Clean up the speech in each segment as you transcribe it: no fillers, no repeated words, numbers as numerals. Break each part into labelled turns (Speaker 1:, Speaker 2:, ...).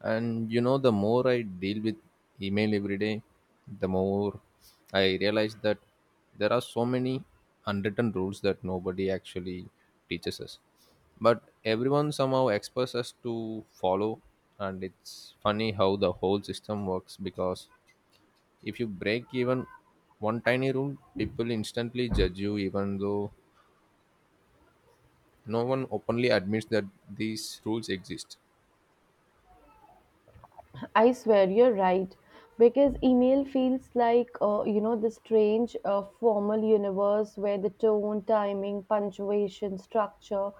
Speaker 1: And you know, the more I deal with email every day, the more I realize that there are so many unwritten rules that nobody actually teaches us, but everyone somehow expects us to follow. And it's funny how the whole system works because if you break even one tiny rule, people instantly judge you, even though no one openly admits that these rules exist.
Speaker 2: I swear you're right because email feels like the strange formal universe where the tone, timing, punctuation, structure,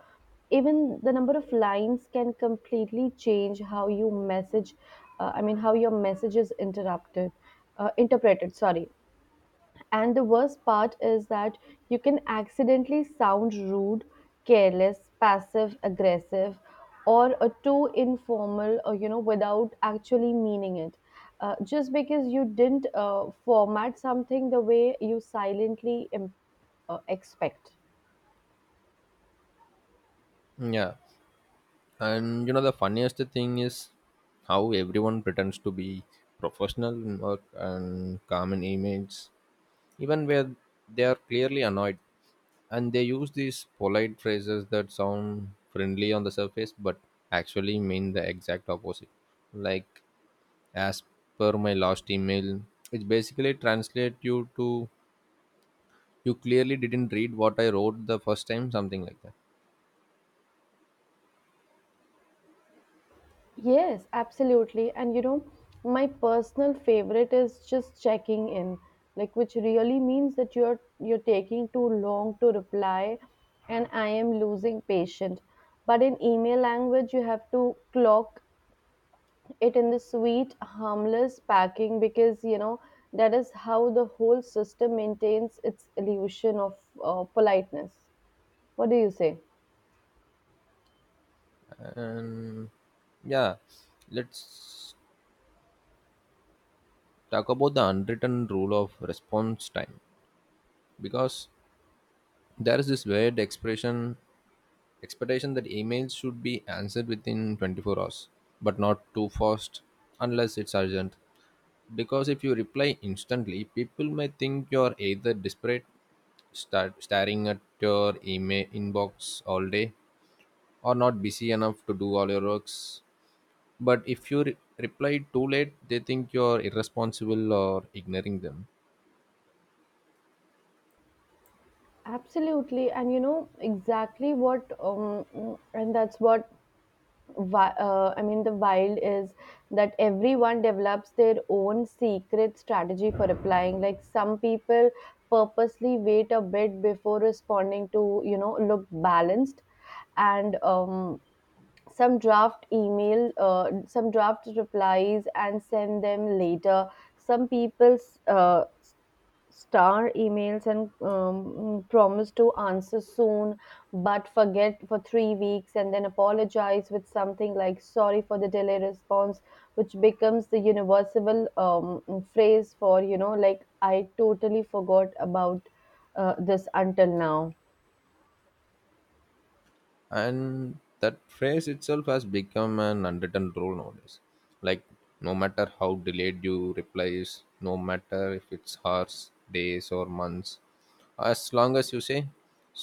Speaker 2: even the number of lines can completely change how you message. I mean, how your message is interrupted, interpreted. Sorry. And the worst part is that you can accidentally sound rude, careless, passive aggressive, or a too informal, without actually meaning it. Just because you didn't format something the way you silently expect.
Speaker 1: Yeah. And you know, the funniest thing is how everyone pretends to be professional in work and calm in emails, even where they are clearly annoyed. And they use these polite phrases that sound friendly on the surface but actually mean the exact opposite. Like, as per my last email, which basically translate you to you clearly didn't read what I wrote the first time, something like that.
Speaker 2: Yes, absolutely. And my personal favorite is just checking in, like which really means that you're taking too long to reply and I am losing patience. But in email language you have to clock it in the sweet, harmless packing because that is how the whole system maintains its illusion of politeness. What do you say?
Speaker 1: And yeah, let's talk about the unwritten rule of response time, because there is this weird expression expectation that emails should be answered within 24 hours but not too fast unless it's urgent, because if you reply instantly people may think you're either desperate, start staring at your email inbox all day, or not busy enough to do all your works. But if you reply too late, they think you're irresponsible or ignoring them.
Speaker 2: Absolutely. And you know exactly what and that's what wi- I mean, the wild is that everyone develops their own secret strategy for applying. Like some people purposely wait a bit before responding to, look balanced. And some draft email some draft replies and send them later some people uh, star emails and promise to answer soon but forget for 3 weeks and then apologize with something like sorry for the delay response which becomes the universal phrase for like I totally forgot about this until now.
Speaker 1: And that phrase itself has become an unwritten rule nowadays. Like, no matter how delayed you reply is, no matter if it's hours, days, or months, as long as you say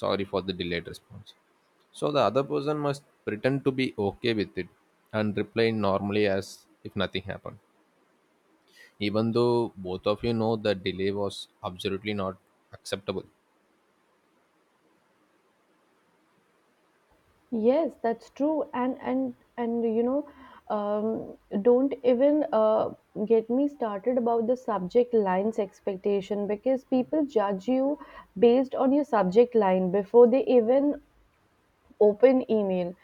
Speaker 1: sorry for the delayed response, so the other person must pretend to be okay with it and reply normally as if nothing happened, even though both of you know the delay was absolutely not acceptable.
Speaker 2: Yes, that's true. And don't even get me started about the subject lines expectation because people judge you based on your subject line before they even open email.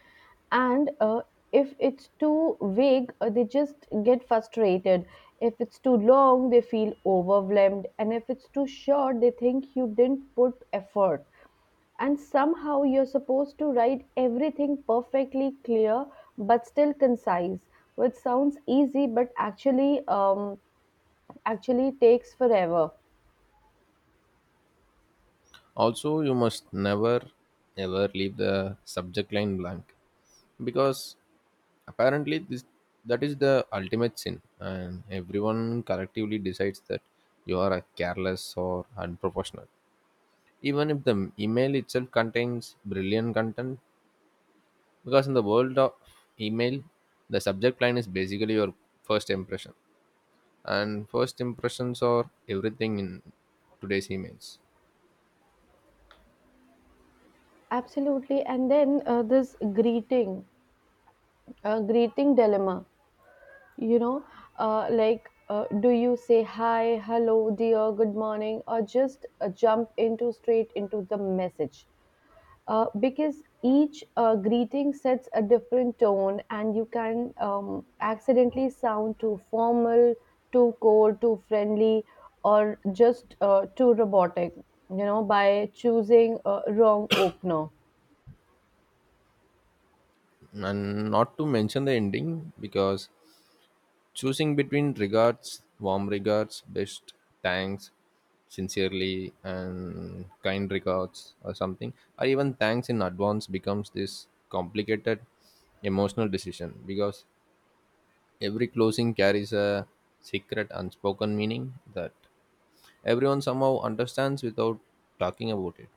Speaker 2: And if it's too vague, they just get frustrated. If it's too long, they feel overwhelmed. And if it's too short, they think you didn't put effort and somehow you're supposed to write everything perfectly clear but still concise which sounds easy but actually takes forever.
Speaker 1: Also, you must never ever leave the subject line blank, because apparently this that is the ultimate sin and everyone collectively decides that you are a careless or unprofessional, even if the email itself contains brilliant content, because in the world of email, the subject line is basically your first impression, and first impressions are everything in today's emails.
Speaker 2: Absolutely, and then this greeting dilemma. you know like do you say hi, hello, dear, good morning, or just jump into straight into the message, because each greeting sets a different tone and you can accidentally sound too formal, too cold, too friendly, or just too robotic, by choosing a wrong opener.
Speaker 1: And not to mention the ending, because choosing between regards, warm regards, best, thanks, sincerely, and kind regards, or something, or even thanks in advance becomes this complicated emotional decision, because every closing carries a secret, unspoken meaning that everyone somehow understands without talking about it.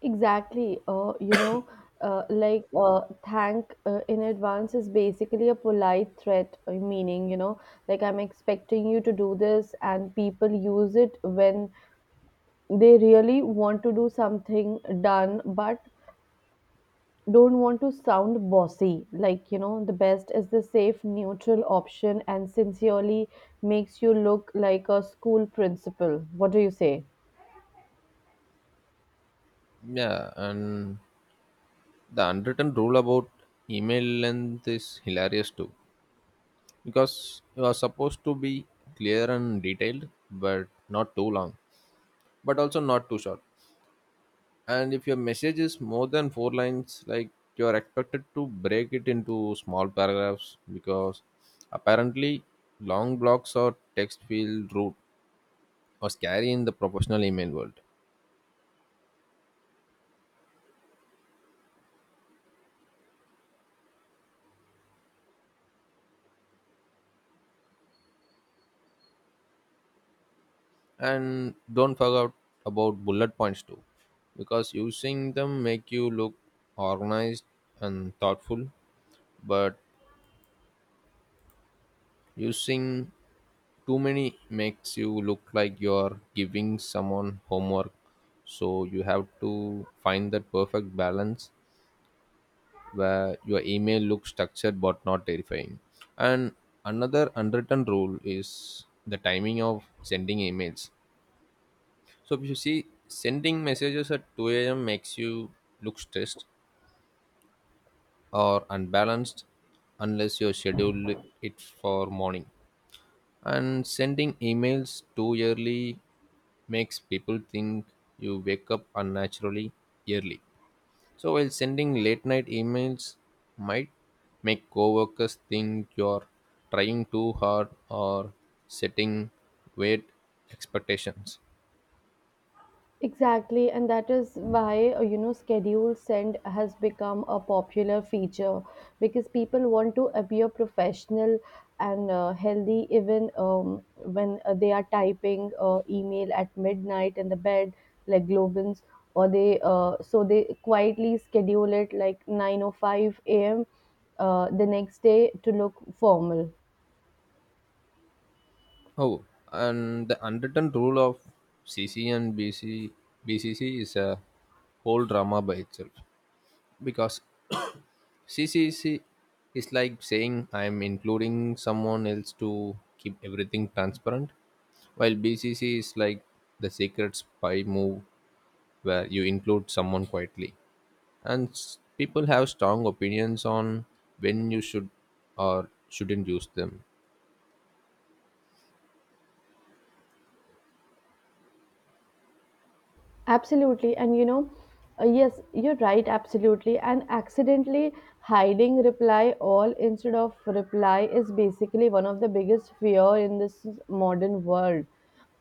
Speaker 2: Exactly. Uh, like uh, Thank in advance is basically a polite threat, meaning like I'm expecting you to do this, and people use it when they really want to do something done but don't want to sound bossy. Like the best is the safe neutral option, and sincerely makes you look like a school principal. What do you say?
Speaker 1: Yeah, and the unwritten rule about email length is hilarious too, because you are supposed to be clear and detailed but not too long but also not too short. And if your message is more than 4 lines, like, you are expected to break it into small paragraphs, because apparently long blocks or text feel rude or scary in the professional email world. And don't forget about bullet points too, because using them make you look organized and thoughtful, but using too many makes you look like you're giving someone homework. So you have to find that perfect balance where your email looks structured but not terrifying. And another unwritten rule is the timing of sending emails. So if you see sending messages at 2 a.m. makes you look stressed or unbalanced unless you schedule it for morning. And sending emails too early makes people think you wake up unnaturally early. So while sending late night emails might make coworkers think you're trying too hard or setting weird expectations.
Speaker 2: Exactly, and that is why schedule send has become a popular feature, because people want to appear professional and healthy even when they are typing email at midnight in the bed like globins, or they so they quietly schedule it like 9:05 a.m. The next day to look formal.
Speaker 1: Oh, and the unwritten rule of CC and BCC is a whole drama by itself, because C C, is like saying I'm including someone else to keep everything transparent, while BCC is like the secret spy move where you include someone quietly. And people have strong opinions on when you should or shouldn't use them.
Speaker 2: Absolutely. Yes, you're right, absolutely. And accidentally hiding reply all instead of reply is basically one of the biggest fear in this modern world.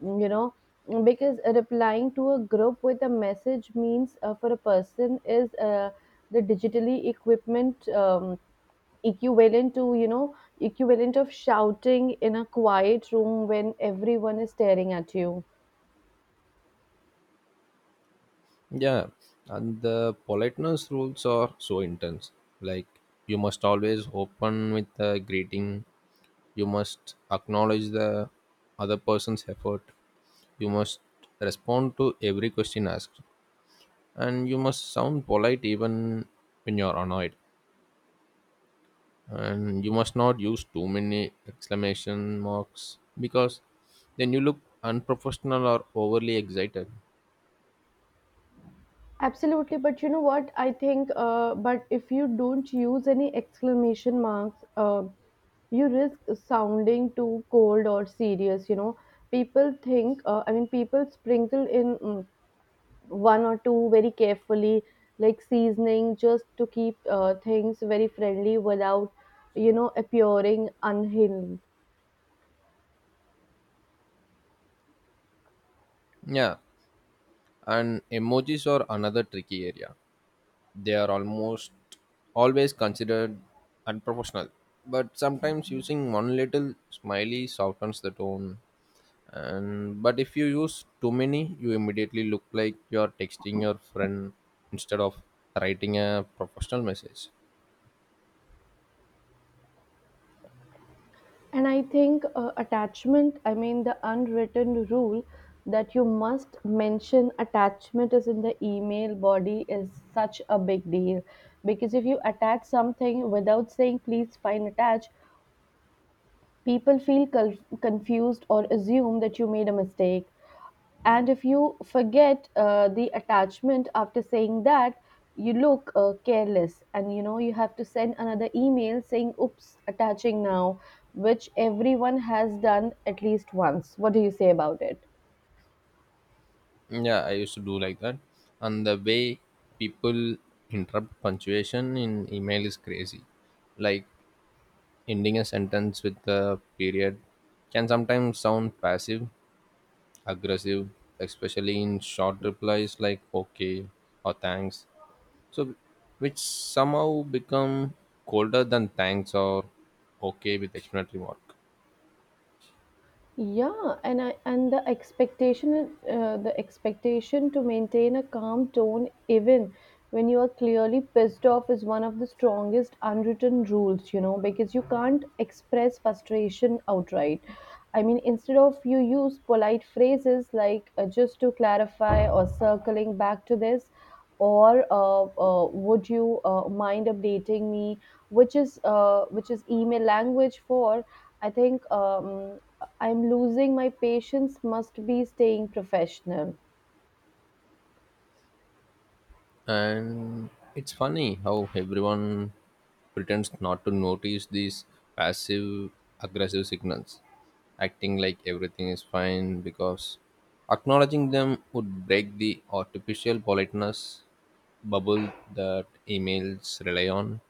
Speaker 2: mm, You know, because replying to a group with a message means, for a person, is the digitally equipment, equivalent to equivalent of shouting in a quiet room when everyone is staring at you.
Speaker 1: Yeah, and the politeness rules are so intense. Like, you must always open with a greeting, you must acknowledge the other person's effort, you must respond to every question asked, and you must sound polite even when you're annoyed, and you must not use too many exclamation marks because then you look unprofessional or overly excited.
Speaker 2: Absolutely, but you know what? I think, but if you don't use any exclamation marks, you risk sounding too cold or serious. You know, people think, I mean, people sprinkle in one or two very carefully, like seasoning, just to keep things very friendly without, appearing unhinged.
Speaker 1: Yeah, and emojis are another tricky area. They are almost always considered unprofessional, but sometimes using one little smiley softens the tone. And but if you use too many, you immediately look like you're texting your friend instead of writing a professional message.
Speaker 2: And I think attachment, I mean, the unwritten rule that you must mention attachment is in the email body is such a big deal. Because if you attach something without saying please find attached, people feel confused or assume that you made a mistake. And if you forget the attachment after saying that, you look careless, and you have to send another email saying oops, attaching now, which everyone has done at least once. What do you say about it?
Speaker 1: Yeah, I used to do like that. And the way people interrupt punctuation in email is crazy. Like, ending a sentence with a period can sometimes sound passive aggressive, especially in short replies like okay or thanks, so which somehow become colder than thanks or okay with explanatory mark.
Speaker 2: Yeah, and the expectation, to maintain a calm tone even when you are clearly pissed off is one of the strongest unwritten rules, because you can't express frustration outright. I mean, instead of you use polite phrases like just to clarify or circling back to this or would you mind updating me, which is, email language for, I think, I'm losing my patience, must be staying professional.
Speaker 1: And it's funny how everyone pretends not to notice these passive aggressive signals, acting like everything is fine because acknowledging them would break the artificial politeness bubble that emails rely on.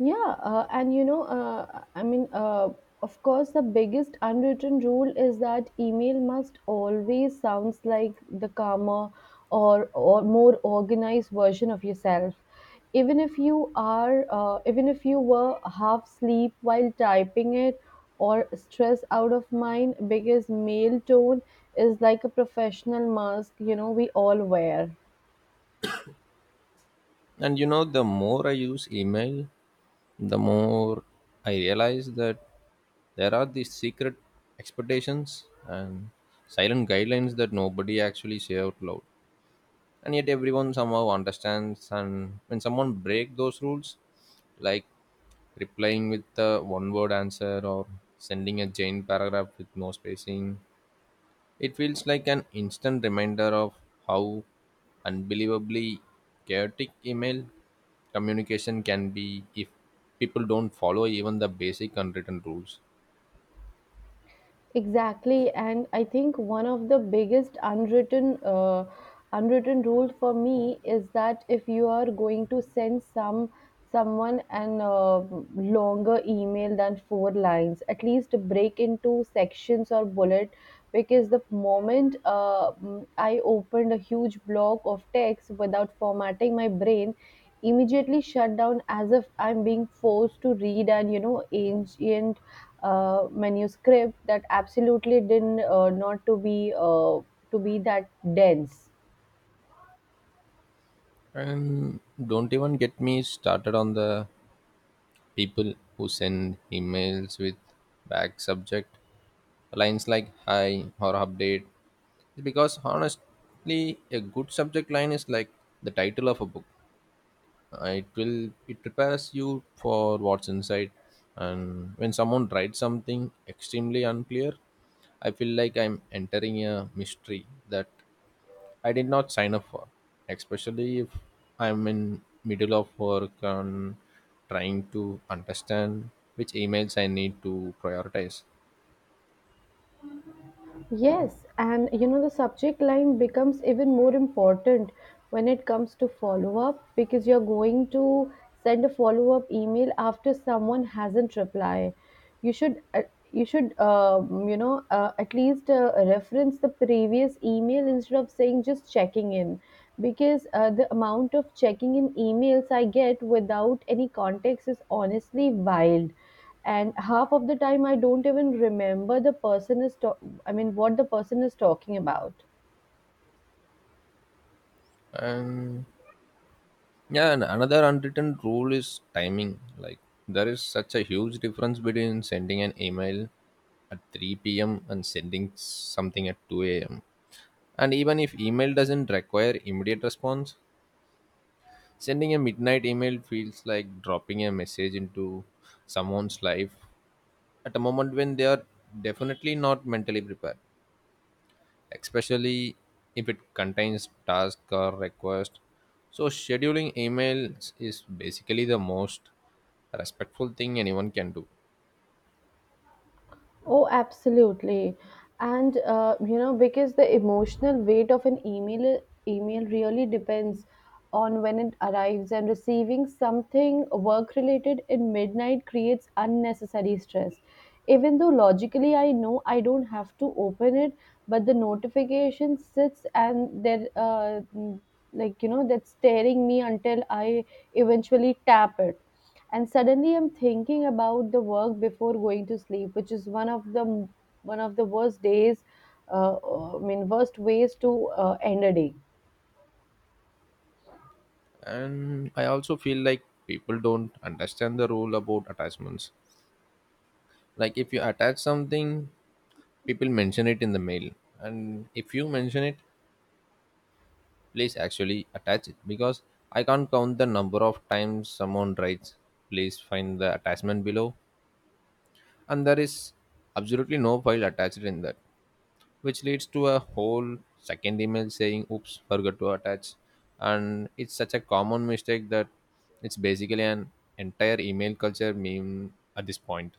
Speaker 2: Yeah, I mean, of course, the biggest unwritten rule is that email must always sounds like the calmer, or more organized version of yourself. Even if you were half asleep while typing it or stressed out of mind, because mail tone is like a professional mask, we all wear.
Speaker 1: And you know, the more I use email, the more I realize that there are these secret expectations and silent guidelines that nobody actually say out loud, and yet everyone somehow understands. And when someone break those rules, like replying with a one word answer or sending a giant paragraph with no spacing, it feels like an instant reminder of how unbelievably chaotic email communication can be if people don't follow even the basic unwritten rules.
Speaker 2: Exactly, and I think one of the biggest unwritten rule for me is that if you are going to send someone an longer email than four lines, at least break into sections or bullet, because the moment, I opened a huge block of text without formatting, my brain immediately shut down as if I'm being forced to read an ancient manuscript that absolutely didn't not to be to be that dense.
Speaker 1: And don't even get me started on the people who send emails with vague subject lines like hi or update. Because honestly, a good subject line is like the title of a book. It prepares you for what's inside. And when someone writes something extremely unclear, I feel like I'm entering a mystery that I did not sign up for, especially if I'm in middle of work and trying to understand which emails I need to prioritize.
Speaker 2: Yes, and the subject line becomes even more important when it comes to follow up, because you're going to send a follow up email after someone hasn't replied. You should, at least reference the previous email instead of saying just checking in, because the amount of checking in emails I get without any context is honestly wild, and half of the time I don't even remember the person is to- I mean, what the person is talking about.
Speaker 1: And yeah, and another unwritten rule is timing. Like, there is such a huge difference between sending an email at 3 p.m. and sending something at 2 a.m. And even if email doesn't require immediate response, sending a midnight email feels like dropping a message into someone's life at a moment when they are definitely not mentally prepared, especially if it contains task or request. So, scheduling emails is basically the most respectful thing anyone can do.
Speaker 2: Oh, absolutely. And because the emotional weight of an email really depends on when it arrives, and receiving something work related in midnight creates unnecessary stress. Even though logically I know I don't have to open it, but the notification sits and there, that's staring me until I eventually tap it, and suddenly I'm thinking about the work before going to sleep, which is one of the worst days, I mean, worst ways to end a day.
Speaker 1: And I also feel like people don't understand the rule about attachments. Like, if you attach something, people mention it in the mail, and if you mention it, please actually attach it, because I can't count the number of times someone writes please find the attachment below and there is absolutely no file attached in that, which leads to a whole second email saying oops forgot to attach. And it's such a common mistake that it's basically an entire email culture meme at this point.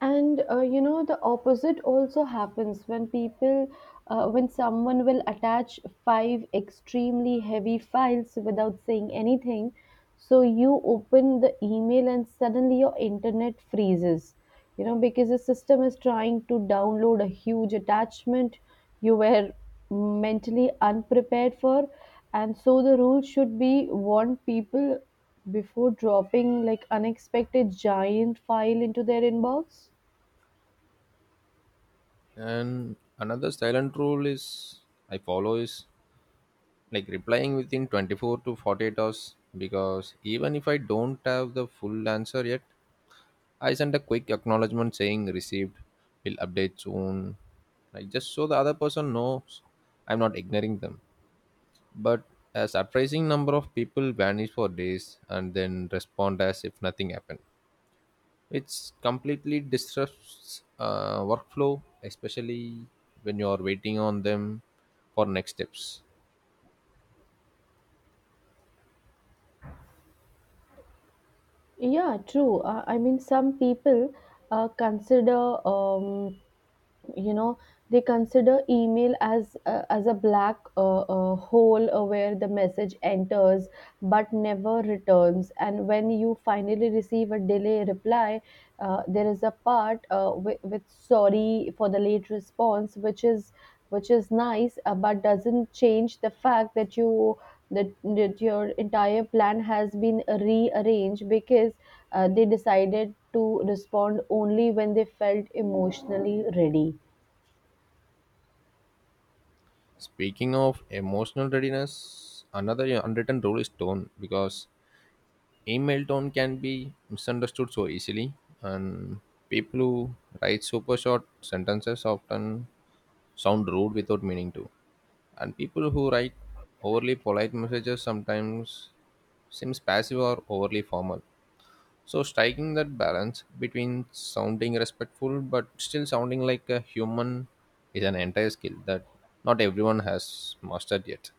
Speaker 2: And the opposite also happens when people when someone will attach five extremely heavy files without saying anything, so you open the email and suddenly your internet freezes, because the system is trying to download a huge attachment you were mentally unprepared for. And so the rule should be warn people before dropping like unexpected giant file into their inbox.
Speaker 1: And another silent rule is I follow is like replying within 24 to 48 hours, because even if I don't have the full answer yet, I sent a quick acknowledgement saying received, will update soon. Like, just so the other person knows I'm not ignoring them. But a surprising number of people vanish for days and then respond as if nothing happened. It's completely disrupts workflow, especially when you're waiting on them for next steps.
Speaker 2: Yeah, true. I mean, some people consider, um, you know they consider email as, as a black hole, where the message enters but never returns. And when you finally receive a delay reply, there is a part, with sorry for the late response, which is, nice, but doesn't change the fact that your entire plan has been rearranged because they decided to respond only when they felt emotionally ready.
Speaker 1: Speaking of emotional readiness, another unwritten rule is tone, because email tone can be misunderstood so easily. And people who write super short sentences often sound rude without meaning to, and people who write overly polite messages sometimes seems passive or overly formal. So striking that balance between sounding respectful but still sounding like a human is an entire skill that not everyone has mastered yet.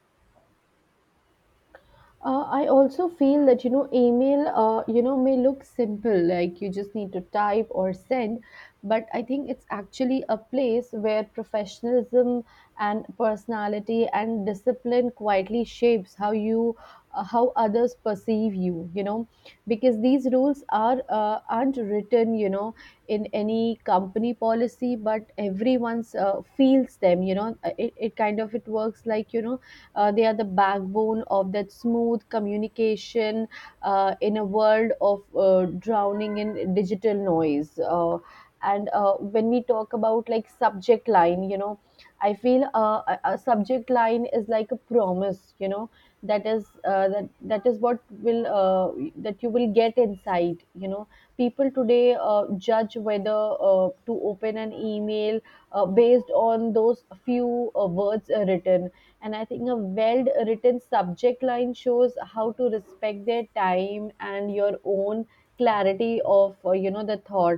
Speaker 2: I also feel that email, may look simple like you just need to type or send, but I think it's actually a place where professionalism and personality and discipline quietly shapes how you, how others perceive you, you know because these rules are, aren't written, in any company policy, but everyone's, feels them, it kind of it works like, they are the backbone of that smooth communication in a world of drowning in digital noise. And when we talk about like subject line, I feel a subject line is like a promise, that is, that is what will, that you will get inside. People today judge whether to open an email based on those few words written, and I think a well written subject line shows how to respect their time and your own clarity of, the thought.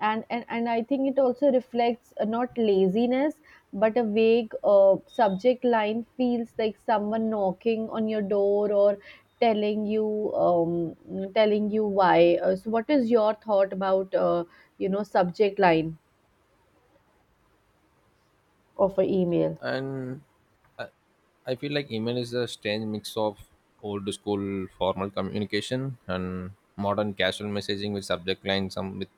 Speaker 2: And, and I think it also reflects, not laziness, but a vague subject line feels like someone knocking on your door, or telling you, why, so what is your thought about, subject line of an email?
Speaker 1: And uh, I feel like email is a strange mix of old school formal communication and modern casual messaging with subject lines. Some with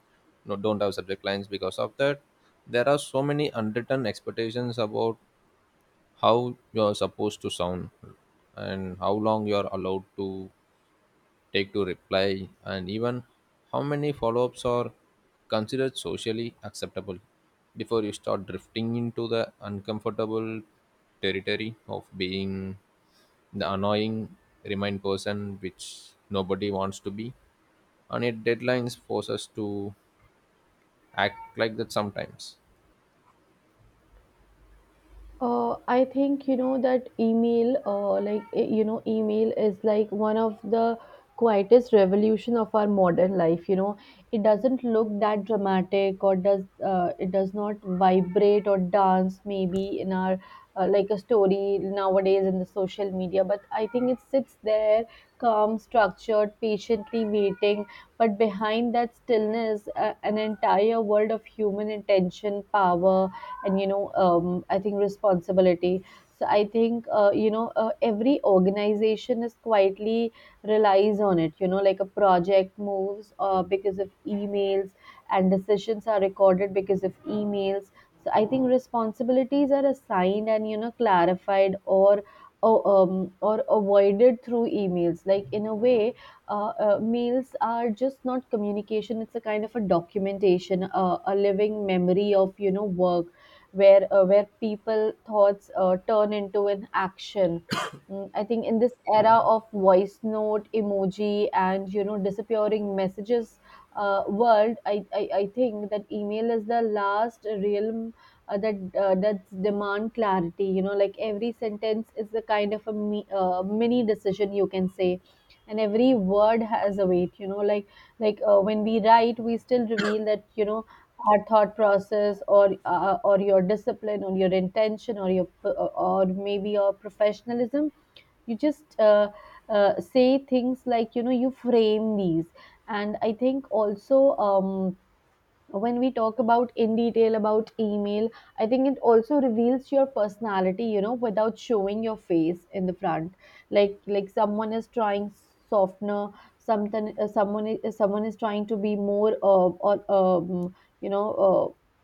Speaker 1: no, don't have subject lines because of that. There are so many unwritten expectations about how you're supposed to sound and how long you're allowed to take to reply, and even how many follow ups are considered socially acceptable before you start drifting into the uncomfortable territory of being the annoying remind person, which nobody wants to be, and yet deadlines force us to act like that sometimes.
Speaker 2: I think that email, email is like one of the quietest revolution of our modern life. You know, it doesn't look that dramatic, or does it does not vibrate or dance maybe in our, like a story nowadays in the social media. But I think it sits there, calm, structured, patiently waiting. But behind that stillness, an entire world of human attention, power, and I think responsibility. So I think, every organization is quietly relies on it, like a project moves because of emails, and decisions are recorded because of emails. So I think responsibilities are assigned, and clarified, or, avoided through emails, like in a way, mails are just not communication, it's a kind of a documentation, a living memory of work, where people thoughts turn into an action. Mm, I think in this era of voice note, emoji, and disappearing messages world, I think that email is the last realm that demand clarity. You know, like every sentence is a kind of a mini decision you can say, and every word has a weight. You know, like when we write, we still reveal that, our thought process, or your discipline, or your intention, or your or maybe your professionalism. You just, say things like, you frame these. And I think also, um, when we talk about in detail about email, I think it also reveals your personality, without showing your face in the front, like, someone is trying softener something, someone is trying to be more, or, you know uh,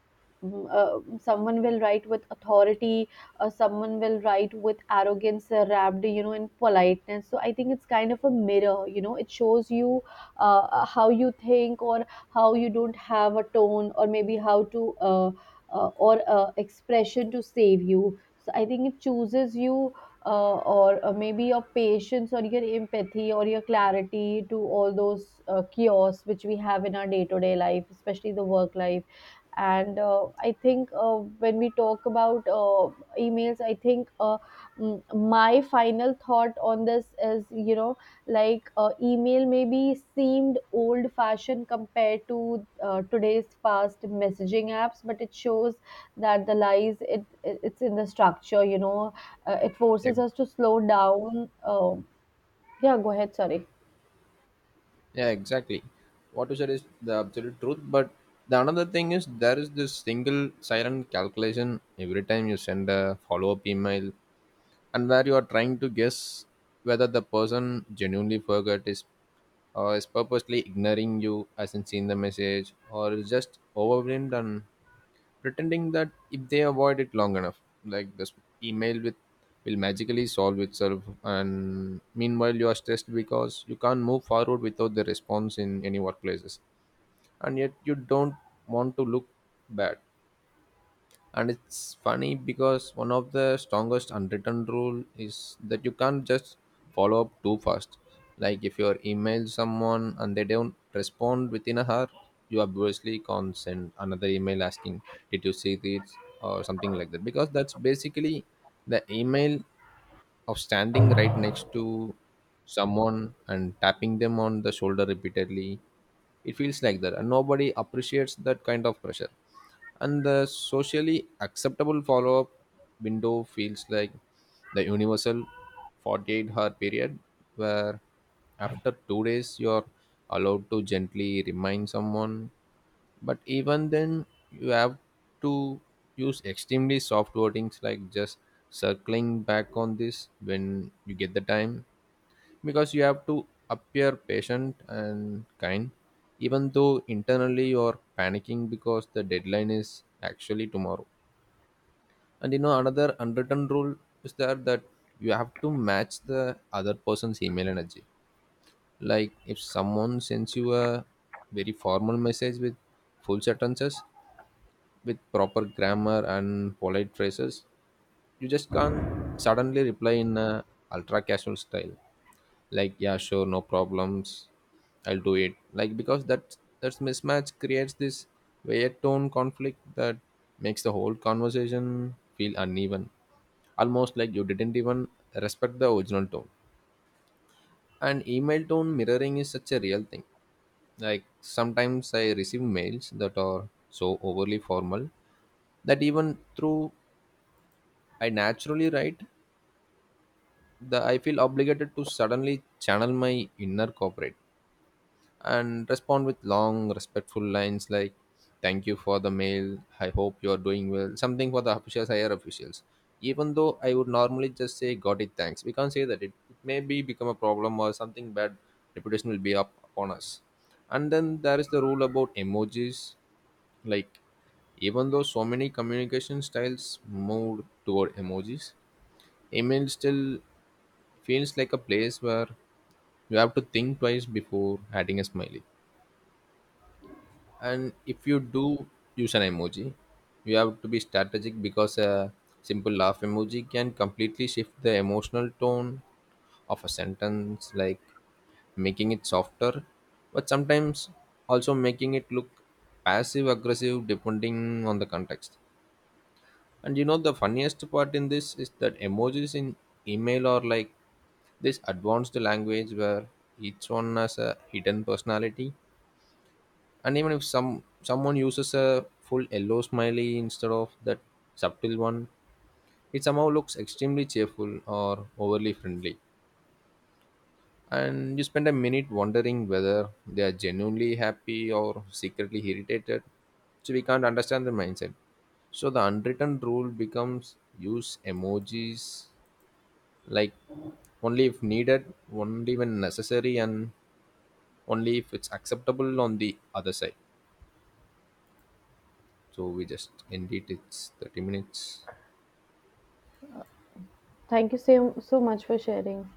Speaker 2: someone will write with authority, someone will write with arrogance, wrapped, in politeness. So I think it's kind of a mirror, it shows you, how you think, or how you don't have a tone, or maybe how to, or expression to save you, so I think it chooses you, or maybe your patience, or your empathy, or your clarity, to all those chaos which we have in our day to day life, especially the work life. And I think, when we talk about emails, I think, my final thought on this is, like, email maybe seemed old fashioned compared to today's fast messaging apps, but it shows that the lies it's in the structure. You know, it
Speaker 1: Yeah,
Speaker 2: forces us to slow down. Yeah, go ahead. Sorry.
Speaker 1: yeah, exactly. What you said is the absolute truth, but the another thing is there is this single silent calculation every time you send a follow-up email, and where you are trying to guess whether the person genuinely forgot is or is purposely ignoring you, hasn't seen the message, or is just overwhelmed and pretending that if they avoid it long enough, like, this email with will magically solve itself. And meanwhile you are stressed because you can't move forward without the response in any workplaces, and yet you don't want to look bad. And it's funny because one of the strongest unwritten rule is that you can't just follow up too fast. Like, if you're email someone and they don't respond within a hour, you obviously can't send another email asking did you see this or something like that, because that's basically the email of standing right next to someone and tapping them on the shoulder repeatedly. It feels like that, and nobody appreciates that kind of pressure. And the socially acceptable follow-up window feels like the universal 48-hour period where after 2 days you're allowed to gently remind someone, but even then you have to use extremely soft wordings like just circling back on this when you get the time, because you have to appear patient and kind even though internally you're panicking because the deadline is actually tomorrow. And you know another unwritten rule is there that you have to match the other person's email energy. Like, if someone sends you a very formal message with full sentences with proper grammar and polite phrases, you just can't suddenly reply in a ultra casual style like yeah sure no problems I'll do it, like, because that's mismatch creates this weird tone conflict that makes the whole conversation feel uneven, almost like you didn't even respect the original tone. And email tone mirroring is such a real thing. Like, sometimes I receive mails that are so overly formal that even through I naturally write the I feel obligated to suddenly channel my inner corporate and respond with long, respectful lines like "Thank you for the mail. I hope you are doing well." Something for the officials, higher officials. Even though I would normally just say "Got it, thanks," we can't say that. It may be become a problem or something bad reputation will be up upon us. And then there is the rule about emojis, like, even though so many communication styles moved toward emojis, email still feels like a place where you have to think twice before adding a smiley. And if you do use an emoji, you have to be strategic, because a simple laugh emoji can completely shift the emotional tone of a sentence, like, making it softer but sometimes also making it look passive aggressive depending on the context. And you know the funniest part in this is that emojis in email are like this advanced language where each one has a hidden personality. And even if someone uses a full yellow smiley instead of that subtle one, it somehow looks extremely cheerful or overly friendly, and you spend a minute wondering whether they are genuinely happy or secretly irritated, so we can't understand their mindset. So the unwritten rule becomes use emojis like only if needed, only when necessary, and only if it's acceptable on the other side. So we just end it. It's 30 minutes.
Speaker 2: Thank you so, so much for sharing.